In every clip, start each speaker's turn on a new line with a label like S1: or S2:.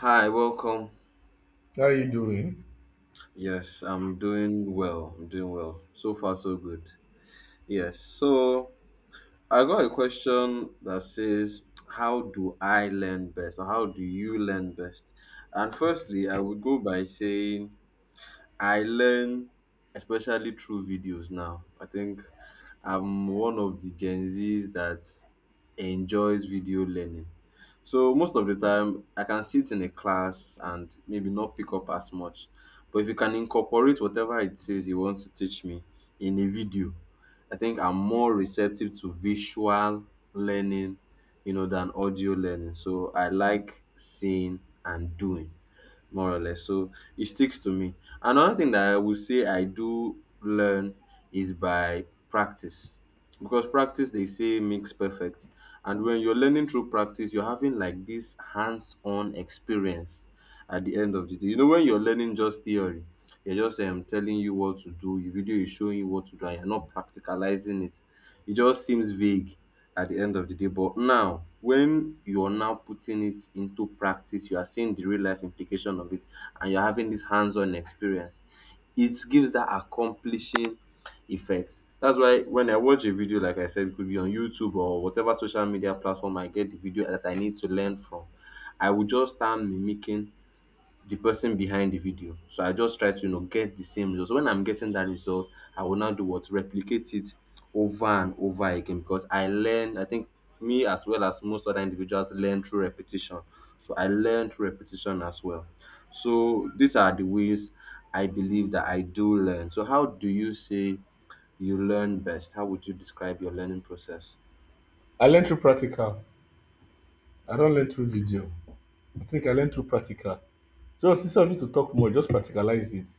S1: Hi, welcome.
S2: How are you doing?
S1: Yes, I'm doing well. I'm doing well. So far, so good. Yes. So I got a question that says, how do I learn best? Or how do you learn best? And firstly, I would go by saying, I learn especially through videos now. I think I'm one of the Gen Zs that enjoys video learning. So most of the time, I can sit in a class and maybe not pick up as much. But if you can incorporate whatever it says you want to teach me in a video, I think I'm more receptive to visual learning, than audio learning. So I like seeing and doing more or less. So it sticks to me. Another thing that I would say I do learn is by practice. Because practice they say makes perfect. And when you're learning through practice, you're having like this hands-on experience at the end of the day. You know, when you're learning just theory, they're just telling you what to do, your video is showing you what to do, and you're not practicalizing it. It just seems vague at the end of the day. But now, when you're now putting it into practice, you are seeing the real life implication of it, and you're having this hands on experience, it gives that accomplishing effect. That's why when I watch a video, like I said, it could be on YouTube or whatever social media platform I get the video that I need to learn from, I will just start mimicking the person behind the video. So I just try to get the same result. So when I'm getting that result, I will now do what replicate it over and over again because I learn. I think me as well as most other individuals learn through repetition. So I learn through repetition as well. So these are the ways I believe that I do learn. So how do you say you learn best? How would you describe your learning process?
S2: I learn through practical. I don't learn through video. I think I learn through practical. Just instead of you to talk more, just practicalize it.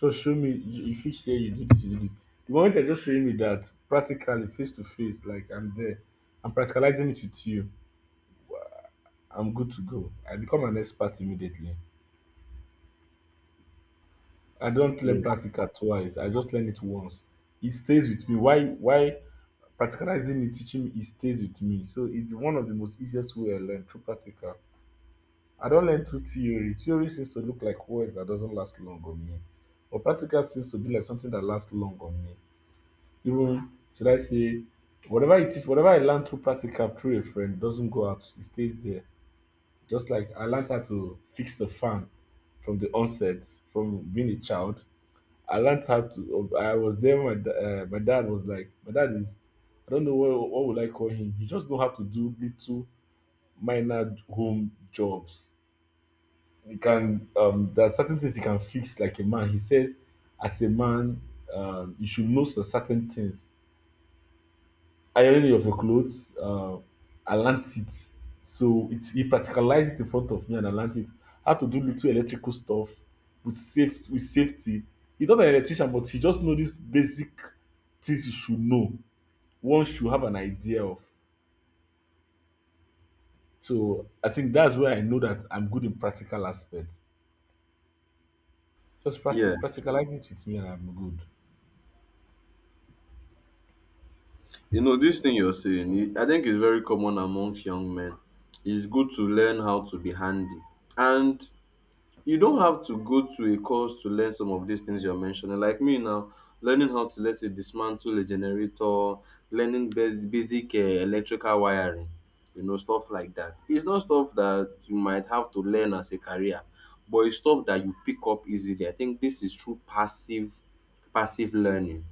S2: Just show me you fit here, you do this, you do this. The moment you're just showing me that practically face to face, like I'm there, I'm practicalizing it with you, I'm good to go. I become an expert immediately. I don't
S1: Yeah.
S2: learn practical twice. I just learn it once. It stays with me. Why? Why practicalizing it, teaching me, it stays with me. So it's one of the most easiest way I learn through practical. I don't learn through theory. Theory seems to look like words that doesn't last long on me, but practical seems to be like something that lasts long on me. Even should I say, whatever you teach, whatever I learn through practical through a friend doesn't go out; it stays there. Just like I learned how to fix the fan from the onset, from being a child. I learned how to. I was there when my dad was like, my dad is. I don't know what would I call him. He just know how to do little minor home jobs. You can There are certain things you can fix like a man. He said, as a man, you should know some certain things. Ironing of your clothes, I learnt it. So it he practicalized it in front of me and I learnt it. How to do little electrical stuff with safety. He's not an electrician, but he just know these basic things you should know. One should have an idea of. So I think that's where I know that I'm good in practical aspects. Just practice
S1: Yeah.
S2: practicalize it with me and I'm good.
S1: You know, this thing you're saying, I think it's very common amongst young men. It's good to learn how to be handy. And you don't have to go to a course to learn some of these things you're mentioning. Like me now, learning how to, let's say, dismantle a generator, learning basic electrical wiring, you know, stuff like that. It's not stuff that you might have to learn as a career, but it's stuff that you pick up easily. I think this is through passive learning.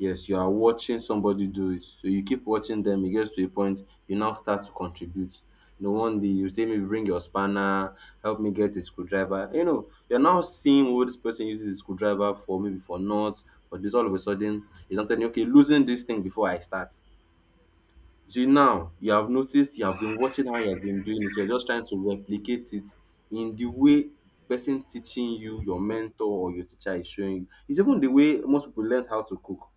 S1: Yes, you are watching somebody do it. So you keep watching them, it gets to a point you now start to contribute. You know, one day you say, maybe bring your spanner, help me get a screwdriver. You know, you're now seeing what this person uses the screwdriver for, maybe for nuts. But this all of a sudden is not telling you, okay, losing this thing before I start. So now you have noticed you have been watching how he has been doing it. You're just trying to replicate it in the way person teaching you, your mentor or your teacher is showing you. It's even the way most people learn how to cook,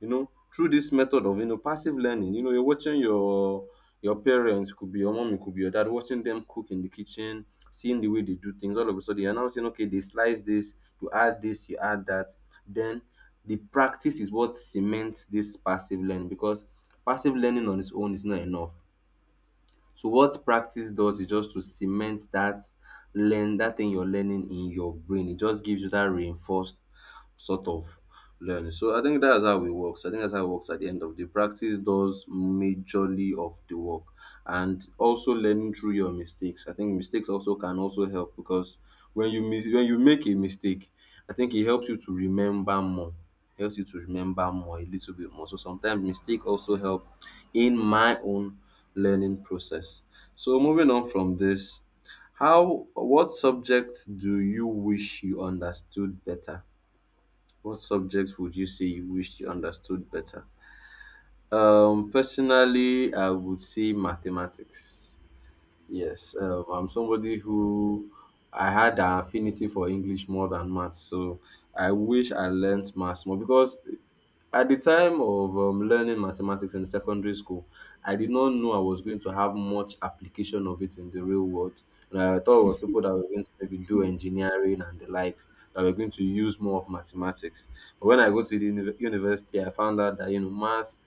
S1: through this method of passive learning. You know, you're watching your parents, could be your mom, it could be your dad, watching them cook in the kitchen, seeing the way they do things. All of a sudden you're now saying, okay, they slice this, you add this, you add that, then the practice is what cements this passive learning, because passive learning on its own is not enough. So what practice does is just to cement that learn that thing you're learning in your brain. It just gives you that reinforced sort of learning. So I think that's how it works. I think that's how it works at the end of the day. Practice does majorly of the work. And also learning through your mistakes. I think mistakes also can also help because when you make a mistake, I think it helps you to remember more. Helps you to remember more a little bit more. So sometimes mistake also help in my own learning process. So moving on from this, how what subjects do you wish you understood better? What subjects would you say you wish you understood better? Personally, I would say mathematics. Yes, I'm somebody who I had an affinity for English more than maths, so I wish I learned maths more because at the time of learning mathematics in secondary school, I did not know I was going to have much application of it in the real world. And I thought it was people that were going to maybe do engineering and the likes that were going to use more of mathematics. But when I go to the university, I found out that maths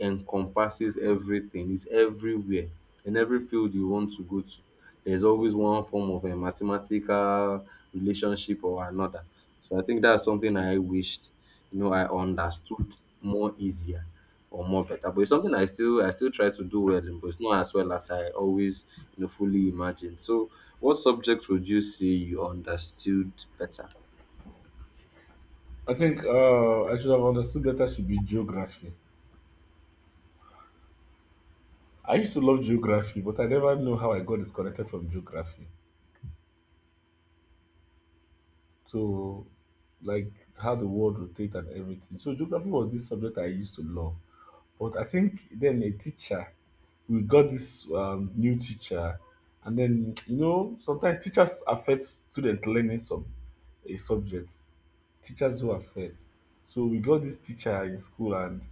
S1: encompasses everything, it's everywhere. In every field you want to go to, there's always one form of a mathematical relationship or another. So I think that's something I wished, you know, I understood more easier or more better. But it's something I still try to do well in, but it's not as well as I always, you know, fully imagined. So what subject would you say you understood better?
S2: I think I should have understood better should be geography. I used to love geography, but I never knew how I got disconnected from geography. So, like, how the world rotates and everything. So, geography was this subject I used to love. But I think then a teacher, we got this new teacher, and then you know sometimes teachers affect student learning some a subject. Teachers do affect. So we got this teacher in school, and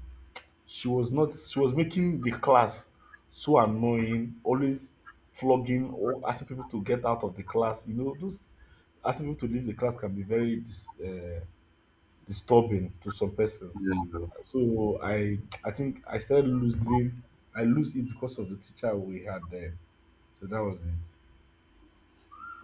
S2: she was not she was making the class so annoying, always flogging or asking people to get out of the class, you know, those asking people to leave the class can be very disturbing to some persons.
S1: Yeah.
S2: So I think I started losing I lose it because of the teacher we had there. So that was it.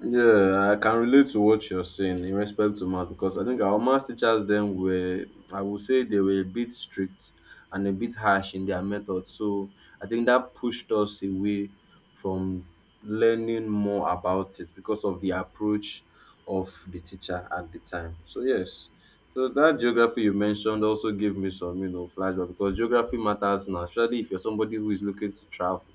S1: Yeah, I can relate to what you're saying in respect to math because I think our math teachers then were, I would say they were a bit strict and a bit harsh in their method. So I think that pushed us away from learning more about it because of the approach of the teacher at the time. So yes, so that geography you mentioned also gave me some, you know, flashback because geography matters now, especially if you're somebody who is looking to travel.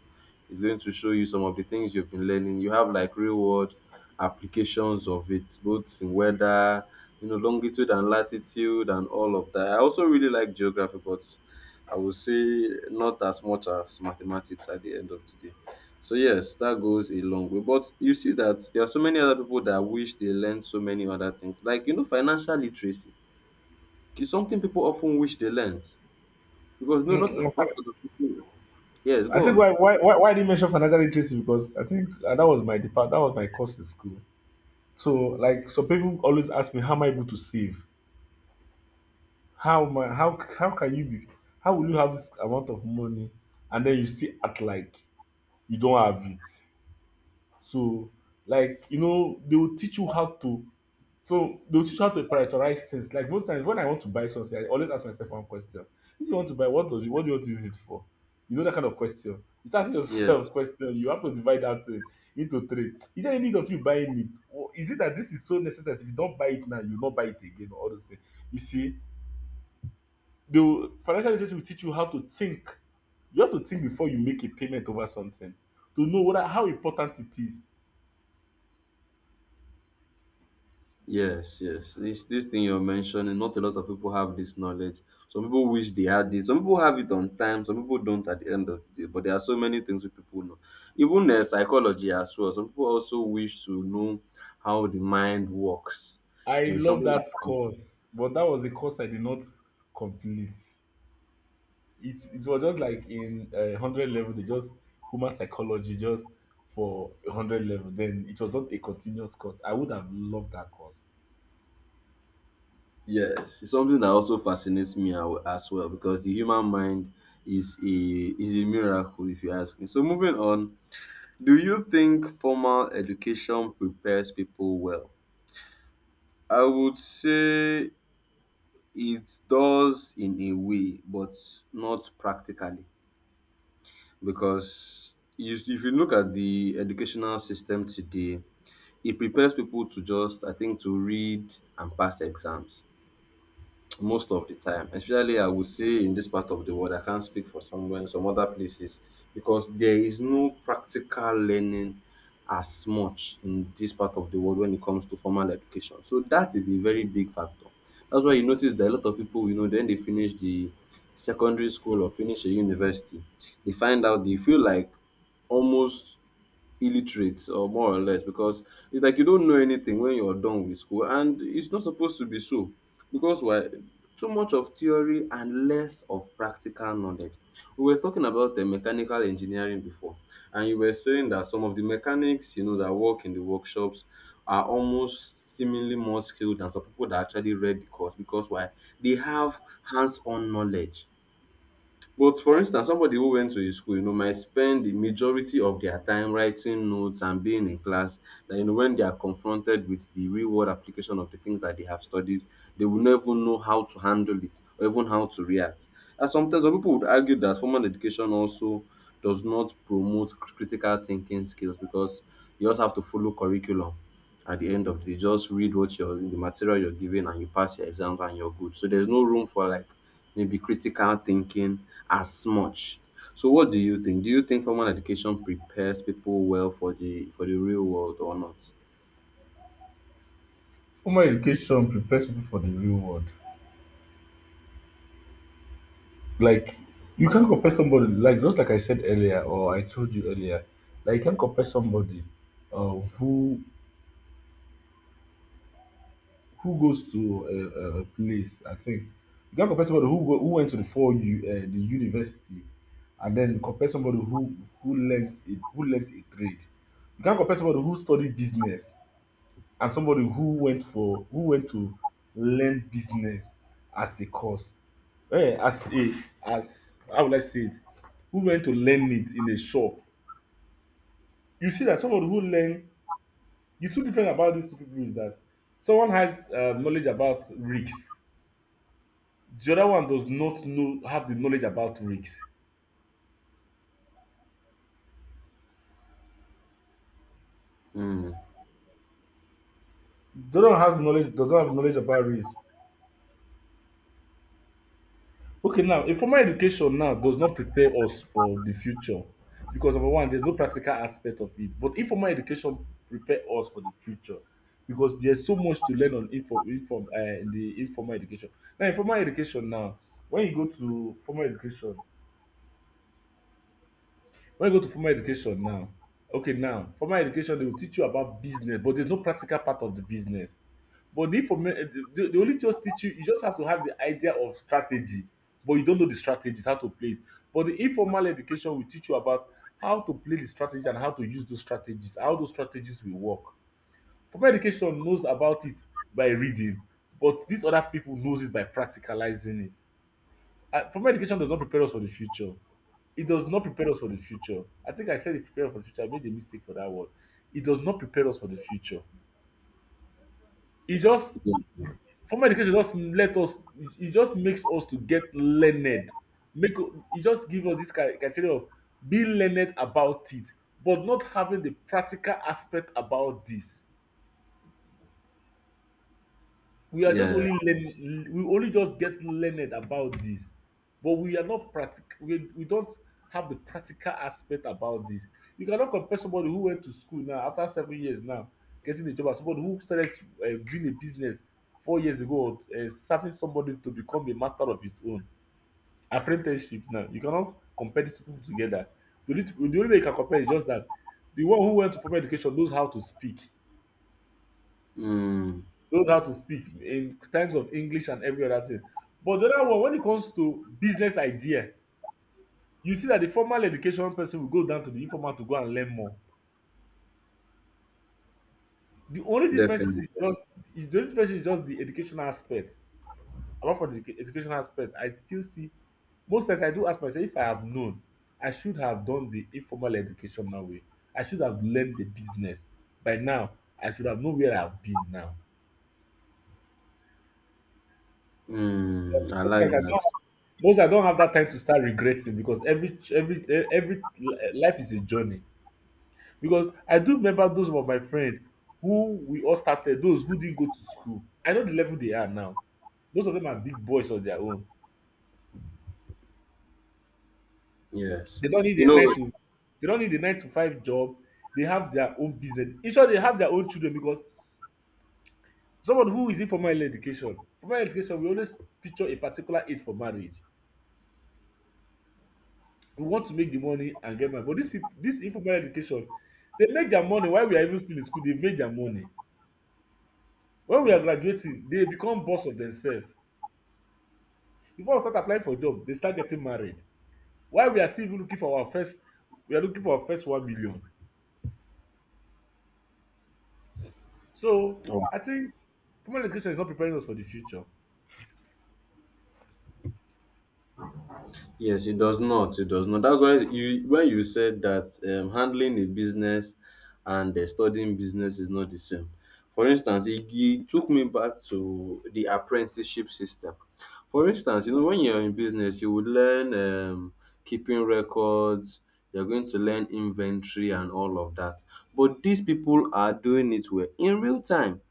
S1: It's going to show you some of the things you've been learning. You have like real world applications of it, both in weather, you know, longitude and latitude and all of that. I also really like geography, but I would say not as much as mathematics at the end of the day. So yes, that goes a long way. But you see that there are so many other people that wish they learned so many other things. Like, you know, financial literacy is something people often wish they learned. Because not
S2: Mm.
S1: a lot of people. Yes,
S2: I
S1: go
S2: think
S1: on.
S2: why I didn't mention financial literacy because I think that was my course in school. So, like, some people always ask me, how am I able to save? How my how can you be how will you have this amount of money and then you still act like you don't have it? So, like, you know, they will teach you how to prioritize things. Like, most times when I want to buy something, I always ask myself one question. If you want to buy, what do you want to use it for? You know, that kind of question. You start asking
S1: Yes.
S2: yourself question, you have to divide that thing into three. Is there any need of you buying it? Or is it that this is so necessary? If you don't buy it now, you will not buy it again or all those things. You see, the financial literacy will teach you how to think. You have to think before you make a payment over something to know what how important it is.
S1: Yes, yes. This thing you're mentioning, not a lot of people have this knowledge. Some people wish they had it. Some people have it on time. Some people don't at the end of the day. But there are so many things we people know. Even psychology as well. Some people also wish to know how the mind works. You
S2: I
S1: know, it's
S2: love
S1: something that,
S2: that course, but that was a course I did not complete. It was just like in 100 level. They just Human psychology just for 100 level. Then it was not a continuous course. I would have loved that course.
S1: yes, it's something that also fascinates me as well because the human mind is a miracle if you ask me. So moving on, do you think formal education prepares people well? I would say it does in a way, but not practically because you, if you look at the educational system today, it prepares people to just, I think, to read and pass exams most of the time, especially I would say in this part of the world. I can't speak for somewhere, some other places, because there is no practical learning as much in this part of the world when it comes to formal education. So that is a very big factor. That's why you notice that a lot of people, you know, then they finish the secondary school or finish a university, they find out they feel like almost illiterate or more or less because it's like you don't know anything when you're done with school and it's not supposed to be so, because why? Too much of theory and less of practical knowledge. We were talking about the mechanical engineering before, and you were saying that some of the mechanics, you know, that work in the workshops are almost seemingly more skilled than some people that actually read the course, because why? They have hands-on knowledge. But for instance, somebody who went to a school, you know, might spend the majority of their time writing notes and being in class, that you know, when they are confronted with the real world application of the things that they have studied, they will never know how to handle it or even how to react. And sometimes some people would argue that formal education also does not promote critical thinking skills because you just have to follow curriculum at the end of the day, just read what you're the material you're given and you pass your exams and you're good, so there's no room for like maybe critical thinking as much. So what do you think? Do you think formal education prepares people well for the real world or not?
S2: Formal education prepares people for the real world. Like, you can't compare somebody, like, just like I said earlier, or I told you earlier, like, you can't compare somebody, uh, who who goes to a place, I think. You can't compare somebody who went to the university, and then compare somebody who learns it who learns a trade. You can't compare somebody who studied business and somebody who went to learn business as a course, eh as a as how would I say it who went to learn it in a shop. You see that somebody who learn the two different about these two people is that someone has knowledge about risk. The other one does not know have the knowledge about risk. The other one has knowledge does not have knowledge about risk. Okay, now informal education now does not prepare us for the future because number one, there's no practical aspect of it. But informal education prepare us for the future because there's so much to learn on info, inform in the informal education. Now, informal education now, when you go to formal education, when you go to formal education now, okay, now formal education, they will teach you about business, but there's no practical part of the business. But the they only just teach you, you just have to have the idea of strategy, but you don't know the strategies, how to play it. But the informal education will teach you about how to play the strategy and how to use those strategies, how those strategies will work. Formal education knows about it by reading, but these other people knows it by practicalizing it. Formal education does not prepare us for the future. It does not prepare us for the future. I think I said it prepare us for the future. I made a mistake for that word. It does not prepare us for the future. It just
S1: Yeah.
S2: Formal education just let us. It just makes us to get learned. Make It just give us this criteria of being learned about it, but not having the practical aspect about this.
S1: Yeah.
S2: We only just get learned about this. But we are not practic we don't have the practical aspect about this. You cannot compare somebody who went to school now after 7 years now getting a job as somebody who started doing a business 4 years ago, or serving somebody to become a master of his own apprenticeship. Now, you cannot compare these people together. The only way you can compare is just that the one who went to formal education knows how to speak,
S1: Mm,
S2: in terms of English and every other thing. But the other one, when it comes to business idea, you see that the formal education person will go down to the informal to go and learn more. The only difference is
S1: definitely.
S2: just the only difference is just the educational aspect. Apart from the educational aspect, I still see, most times I do ask myself, if I have known, I should have done the informal educational way. I should have learned the business by now. I should have known where I've been now.
S1: Mm, I
S2: Most
S1: like
S2: times I
S1: that.
S2: don't Most, I don't have that time to start regretting because every life is a journey. Because I do remember those of my friends who we all started, those who didn't go to school. I know the level they are now. Most of them are big boys on their own.
S1: Yes.
S2: They don't need
S1: You
S2: a
S1: know,
S2: nine to they don't need a 9 to 5 job. They have their own business. In short, they have their own children because someone who is in formal education, we always picture a particular age for marriage. We want to make the money and get money, but these people, this informal education, they make their money while we are even still in school. They make their money when we are graduating. They become boss of themselves. Before we start applying for job, they start getting married. While we are still even looking for our first we are looking for our first 1 million. So I think formal education is not preparing us for the future.
S1: Yes, it does not. It does not. That's why you when you said that handling a business and studying business is not the same. For instance, it took me back to the apprenticeship system. For instance, you know when you're in business, you would learn keeping records. You're going to learn inventory and all of that. But these people are doing it well in real time.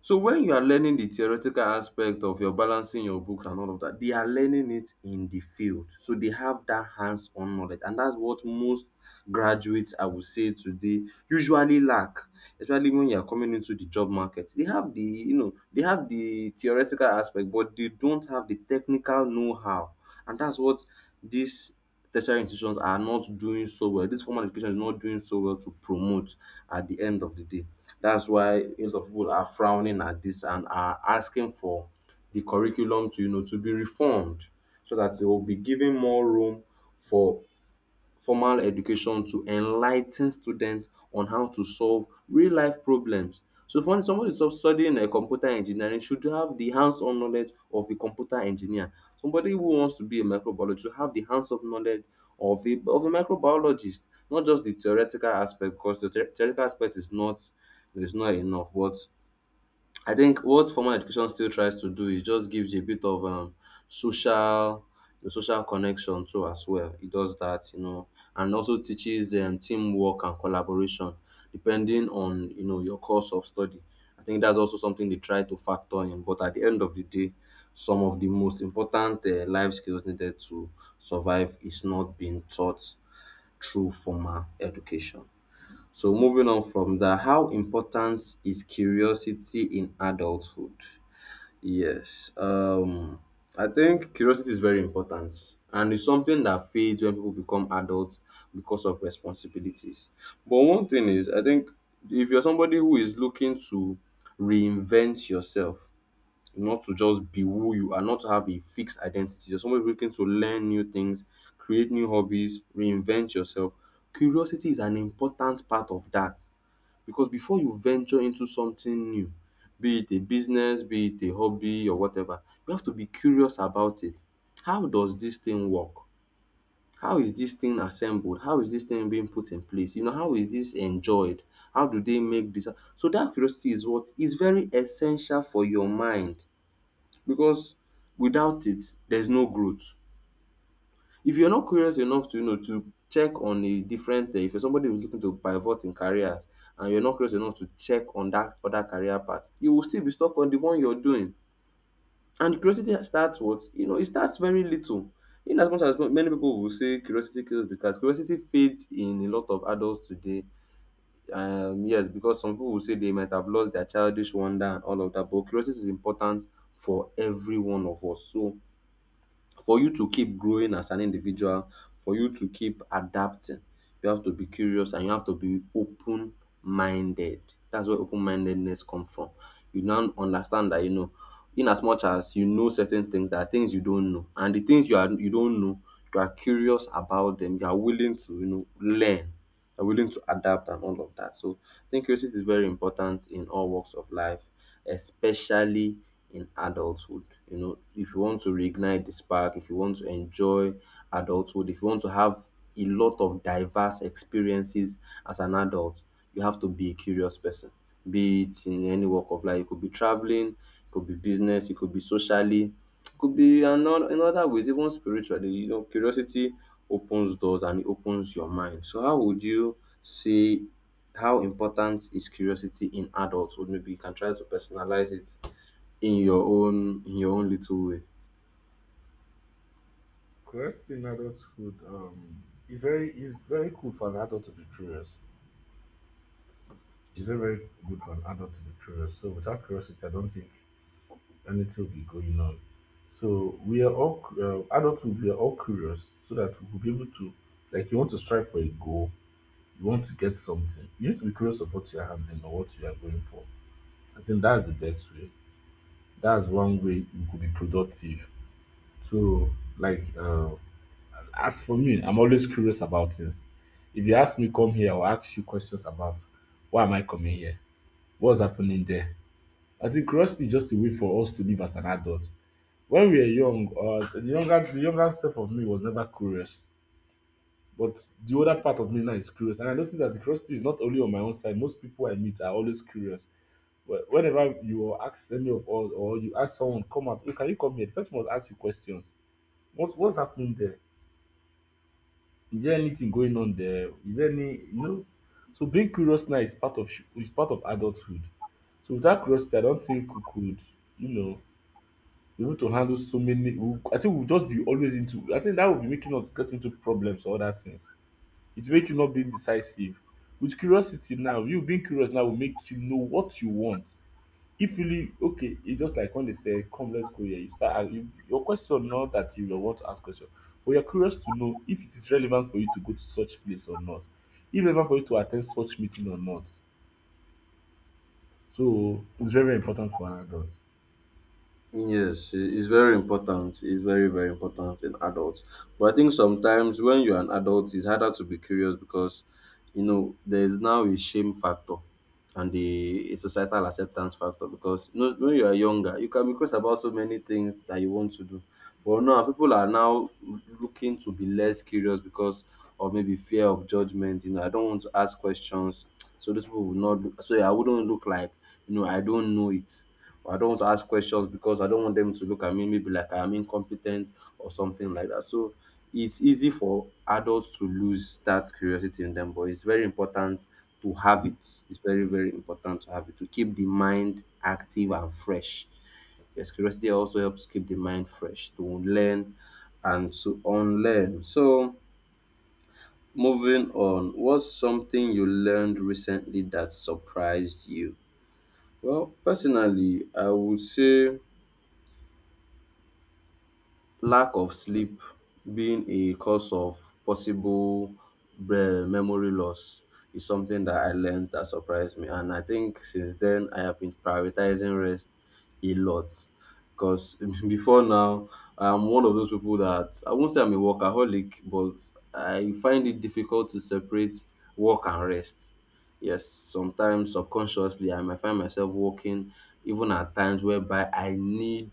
S1: So when you are learning the theoretical aspect of your balancing your books and all of that, they are learning it in the field. So they have that hands-on knowledge, and that's what most graduates I would say today usually lack, especially when you are coming into the job market. They have the, you know, they have the theoretical aspect but they don't have the technical know-how, and that's what these tertiary institutions are not doing so well. This formal education is not doing so well to promote at the end of the day. That's why a lot of people are frowning at this and are asking for the curriculum to, you know, to be reformed so that they will be given more room for formal education to enlighten students on how to solve real life problems. So for instance, somebody stu- studying computer engineering should have the hands on knowledge of a computer engineer. Somebody who wants to be a microbiologist should have the hands on knowledge of a microbiologist, not just the theoretical aspect because the theoretical aspect is not enough, but I think what formal education still tries to do is just gives you a bit of social the social connection too as well. It does that, you know, and also teaches teamwork and collaboration depending on, you know, your course of study. I think that's also something they try to factor in. But at the end of the day, some of the most important life skills needed to survive is not being taught through formal education. So moving on from that, how important is curiosity in adulthood? Yes, I think curiosity is very important and it's something that fades when people become adults because of responsibilities. But one thing is, I think if you're somebody who is looking to reinvent yourself, not to just be who you are, not to have a fixed identity, you're somebody looking to learn new things, create new hobbies, reinvent yourself. Curiosity is an important part of that because before you venture into something new, be it a business, be it a hobby or whatever, you have to be curious about it. How does this thing work? How is this thing assembled? How is this thing being put in place? You know, how is this enjoyed? How do they make this? So that curiosity is what is very essential for your mind because without it, there's no growth. If you're not curious enough to, you know, to check on a different if you're somebody who's looking to pivot in careers and you're not curious enough to check on that other career path, you will still be stuck on the one you're doing. And curiosity starts what? You know, it starts very little. In as much as many people will say curiosity kills the cat, curiosity fades in a lot of adults today. Yes, because some people will say they might have lost their childish wonder and all of that, but curiosity is important for every one of us. So for you to keep growing as an individual, for you to keep adapting, you have to be curious and you have to be open minded. That's where open mindedness comes from. You now understand that, you know, in as much as you know certain things, there are things you don't know, and the things you don't know, you are curious about them. You are willing to, you know, learn, are willing to adapt and all of that. So I think curiosity is very important in all walks of life, especially in adulthood. You know, if you want to reignite the spark, if you want to enjoy adulthood, if you want to have a lot of diverse experiences as an adult, you have to be a curious person. Be it in any walk of life, it could be traveling, it could be business, it could be socially. Could be another in other ways, even spiritually, you know, curiosity opens doors and it opens your mind. So how would you say how important is curiosity in adulthood? Maybe you can try to personalize it in your own little way.
S2: Christ in adulthood, is very cool for an adult to be curious. It's very, very good for an adult to be curious. So without curiosity, I don't think anything will be going on. So we are all adulthood. We are all curious, so that we will be able to, like, you want to strive for a goal, you want to get something. You need to be curious of what you are handling or what you are going for. I think that's the best way. That's one way you could be productive. So, like, as for me, I'm always curious about things. If you ask me come here, I'll ask you questions about why am I coming here, what's happening there. I think curiosity is just a way for us to live as an adult. When we were young, the younger self of me was never curious, but the older part of me now is curious. And I noticed that the curiosity is not only on my own side. Most people I meet are always curious. Whenever you ask any of us, or you ask someone, come out, hey, can you come here? The person must ask you questions. What's happening there? Is there anything going on there? Is there any, you know? So being curious now is part of adulthood. So without curiosity, I don't think we could, you know, be able to handle so many. We, I think we'll just be always into, I think that will be making us get into problems or other things. It will make you not being decisive. With curiosity now, you being curious now will make you know what you want. If really okay, it's just like when they say, come, let's go here. You start and you, your question, not that you don't want to ask question, but you're curious to know if it is relevant for you to go to such place or not, if relevant for you to attend such meeting or not. So it's very, very important for an adult.
S1: Yes, it's very important. It's very, very important in adults. But I think sometimes when you're an adult, it's harder to be curious because, you know, there's now a shame factor and the a societal acceptance factor, because you know, when you are younger, you can be curious about so many things that you want to do. But now people are now looking to be less curious because of maybe fear of judgment. You know, I don't want to ask questions, so these people will not. So I wouldn't look like, you know, I don't know it, or I don't want to ask questions because I don't want them to look at me maybe like I am incompetent or something like that. So it's easy for adults to lose that curiosity in them, but it's very important to have it. It's very, very important to have it to keep the mind active and fresh. Yes, curiosity also helps keep the mind fresh to learn and to unlearn. So, moving on, what's something you learned recently that surprised you? Well, personally, I would say lack of sleep being a cause of possible bre- memory loss is something that I learned that surprised me. And I think since then, I have been prioritizing rest a lot because before now, I'm one of those people that I won't say I'm a workaholic, but I find it difficult to separate work and rest. Yes, sometimes subconsciously I might find myself walking, even at times whereby I need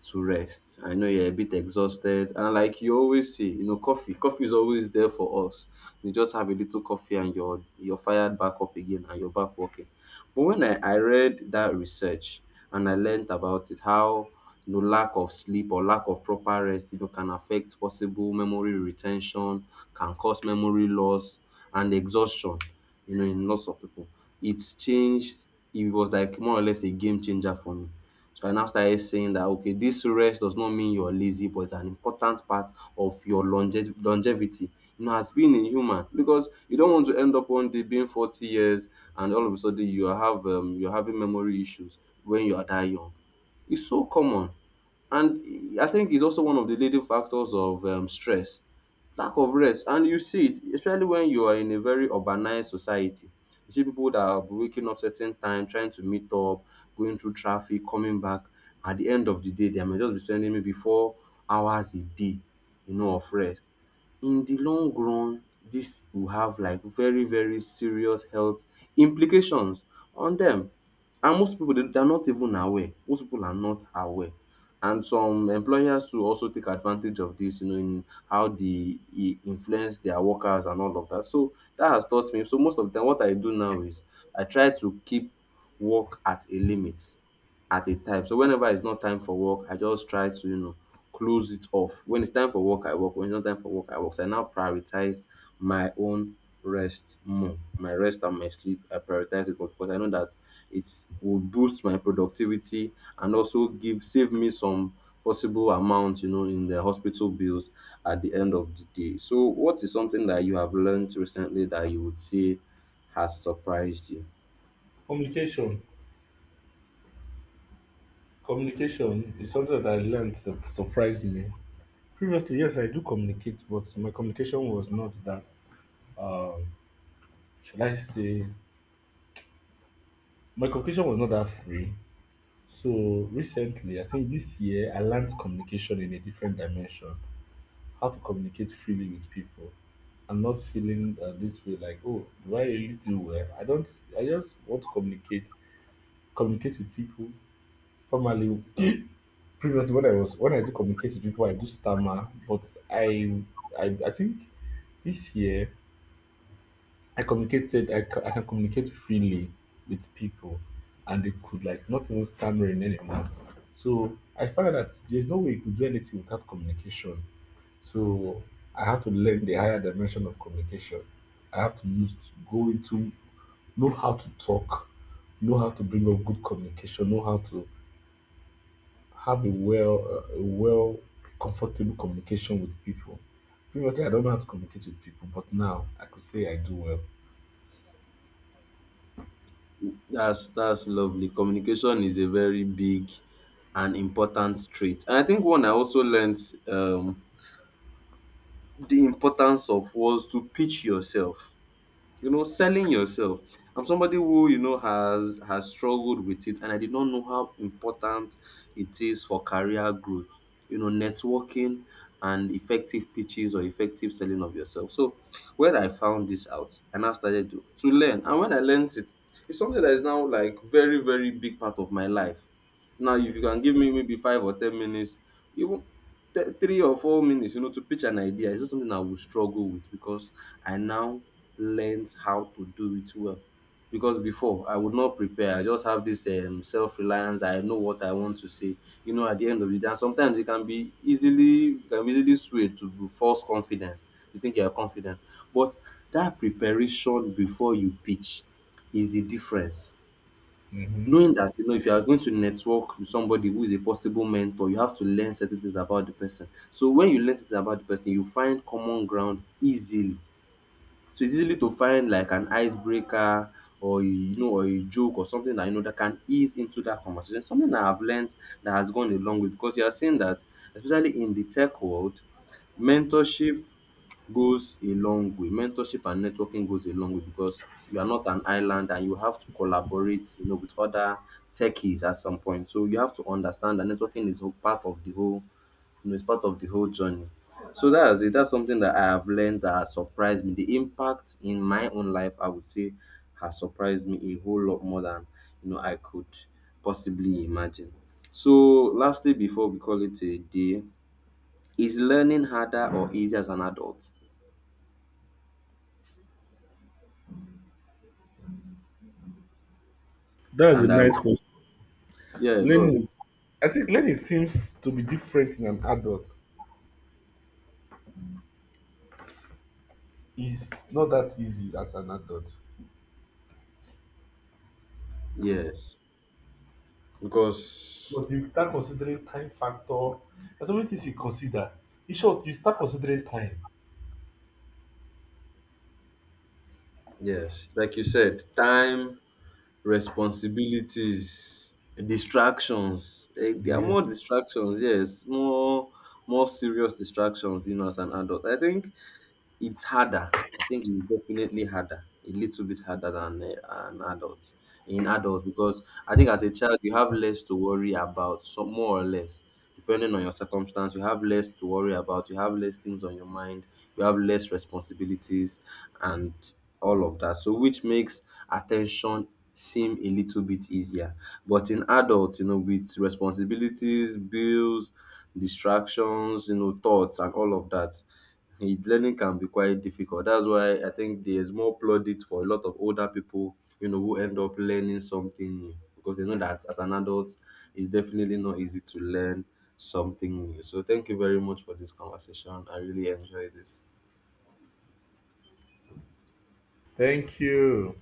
S1: to rest. I know you're a bit exhausted, and like you always say, you know, coffee is always there for us. You just have a little coffee and you're fired back up again and you're back working. But when I read that research and I learned about it, how, you know, lack of sleep or lack of proper rest, you know, can affect possible memory retention, can cause memory loss and exhaustion, you know, in lots of people. It's changed, it was like more or less a game changer for me. So I now started saying that okay, this rest does not mean you're lazy, but it's an important part of your longe- longevity. You know, as being a human, because you don't want to end up one day being 40 years, and all of a sudden you have you're having memory issues when you are that young. It's so common. And I think it's also one of the leading factors of stress, lack of rest. And you see it, especially when you are in a very urbanized society. You see people that are waking up certain time, trying to meet up, going through traffic, coming back. At the end of the day, they may just be spending maybe 4 hours a day, you know, of rest. In the long run, this will have like very, very serious health implications on them, and most people they are not even aware. Most people are not aware, and some employers too also take advantage of this, you know, in how they I- influence their workers and all of that. So that has taught me. So most of them, what I do now is I try to keep work at a limit at a time. So whenever it's not time for work, I just try to, you know, close it off. When it's time for work, I work. When it's not time for work, I work. So I now prioritize my own rest more, my rest and my sleep. I prioritize it, but because I know that it will boost my productivity and also give save me some possible amount, you know, in the hospital bills at the end of the day. So what is something that you have learned recently that you would say has surprised you?
S2: Communication. Communication is something that I learned that surprised me. Previously, yes, I do communicate, but my communication was not that, um, should I say, my communication was not that free. So recently, I think this year, I learned communication in a different dimension, how to communicate freely with people. I'm not feeling this way like, oh, do I really do well? I don't, I just want to communicate, communicate with people formally. Previously, when I do communicate with people, I do stammer, but I think this year I can communicate freely with people, and they could like not even stammering anymore. So I found out that there's no way you could do anything without communication. So I have to learn the higher dimension of communication. I have to use go into know how to talk, know how to bring up good communication, know how to have a well comfortable communication with people. Previously, I don't know how to communicate with people, but now I could say I do well.
S1: That's lovely. Communication is a very big and important trait, and I think one I also learned um the importance of was to pitch yourself, you know, selling yourself. I'm somebody who, you know, has struggled with it, and I did not know how important it is for career growth, you know, networking and effective pitches or effective selling of yourself. So when I found this out and I now started to learn, and when I learned it, it's something that is now like very, very big part of my life now. If you can give me maybe 5 or 10 minutes, even th- 3 or 4 minutes, you know, to pitch an idea, it's not something I will struggle with because I now learned how to do it well. Because before I would not prepare, I just have this self reliance that I know what I want to say. You know, at the end of the day, and sometimes it can be easily you can be easily swayed to false confidence. You think you are confident, but that preparation before you pitch is the difference.
S2: Hmm.
S1: Knowing that, you know, if you are going to network with somebody who is a possible mentor, you have to learn certain things about the person. So when you learn certain about the person, you find common ground easily. So it's easily to find like an icebreaker or, you know, or a joke or something that you know that can ease into that conversation. Something that I've learned that has gone a long way because you are seeing that, especially in the tech world, mentorship goes a long way. Mentorship and networking goes a long way because you are not an island and you have to collaborate, you know, with other techies at some point. So you have to understand that networking is a part of the whole, you know, it's part of the whole journey. So that's it. That's something that I have learned that has surprised me. The impact in my own life, I would say, has surprised me a whole lot more than, you know, I could possibly imagine. So lastly, before we call it a day, is learning harder or easier as an adult?
S2: That's a
S1: And I,
S2: nice question.
S1: yeah, go. On.
S2: Learning, I think learning seems to be different in an adult. It's not that easy as an adult.
S1: Yes. Because,
S2: But you start considering time factor. There's so many things you consider. In short, you start considering time.
S1: yes, like you said, time, responsibilities, distractions. Eh, there are
S2: Yeah.
S1: more distractions, yes, more more serious distractions, you know, as an adult. I think it's harder. I think it's definitely harder, a little bit harder than an adult in adults, because I think as a child you have less to worry about, so more or less, depending on your circumstance, you have less to worry about. You have less things on your mind. You have less responsibilities and all of that. So which makes attention seem a little bit easier. But in adults, you know, with responsibilities, bills, distractions, you know, thoughts and all of that, it- learning can be quite difficult. That's why I think there's more plaudits for a lot of older people, you know, who end up learning something new because they know that as an adult, it's definitely not easy to learn something new. So, thank you very much for this conversation. I really enjoyed this.
S2: Thank you.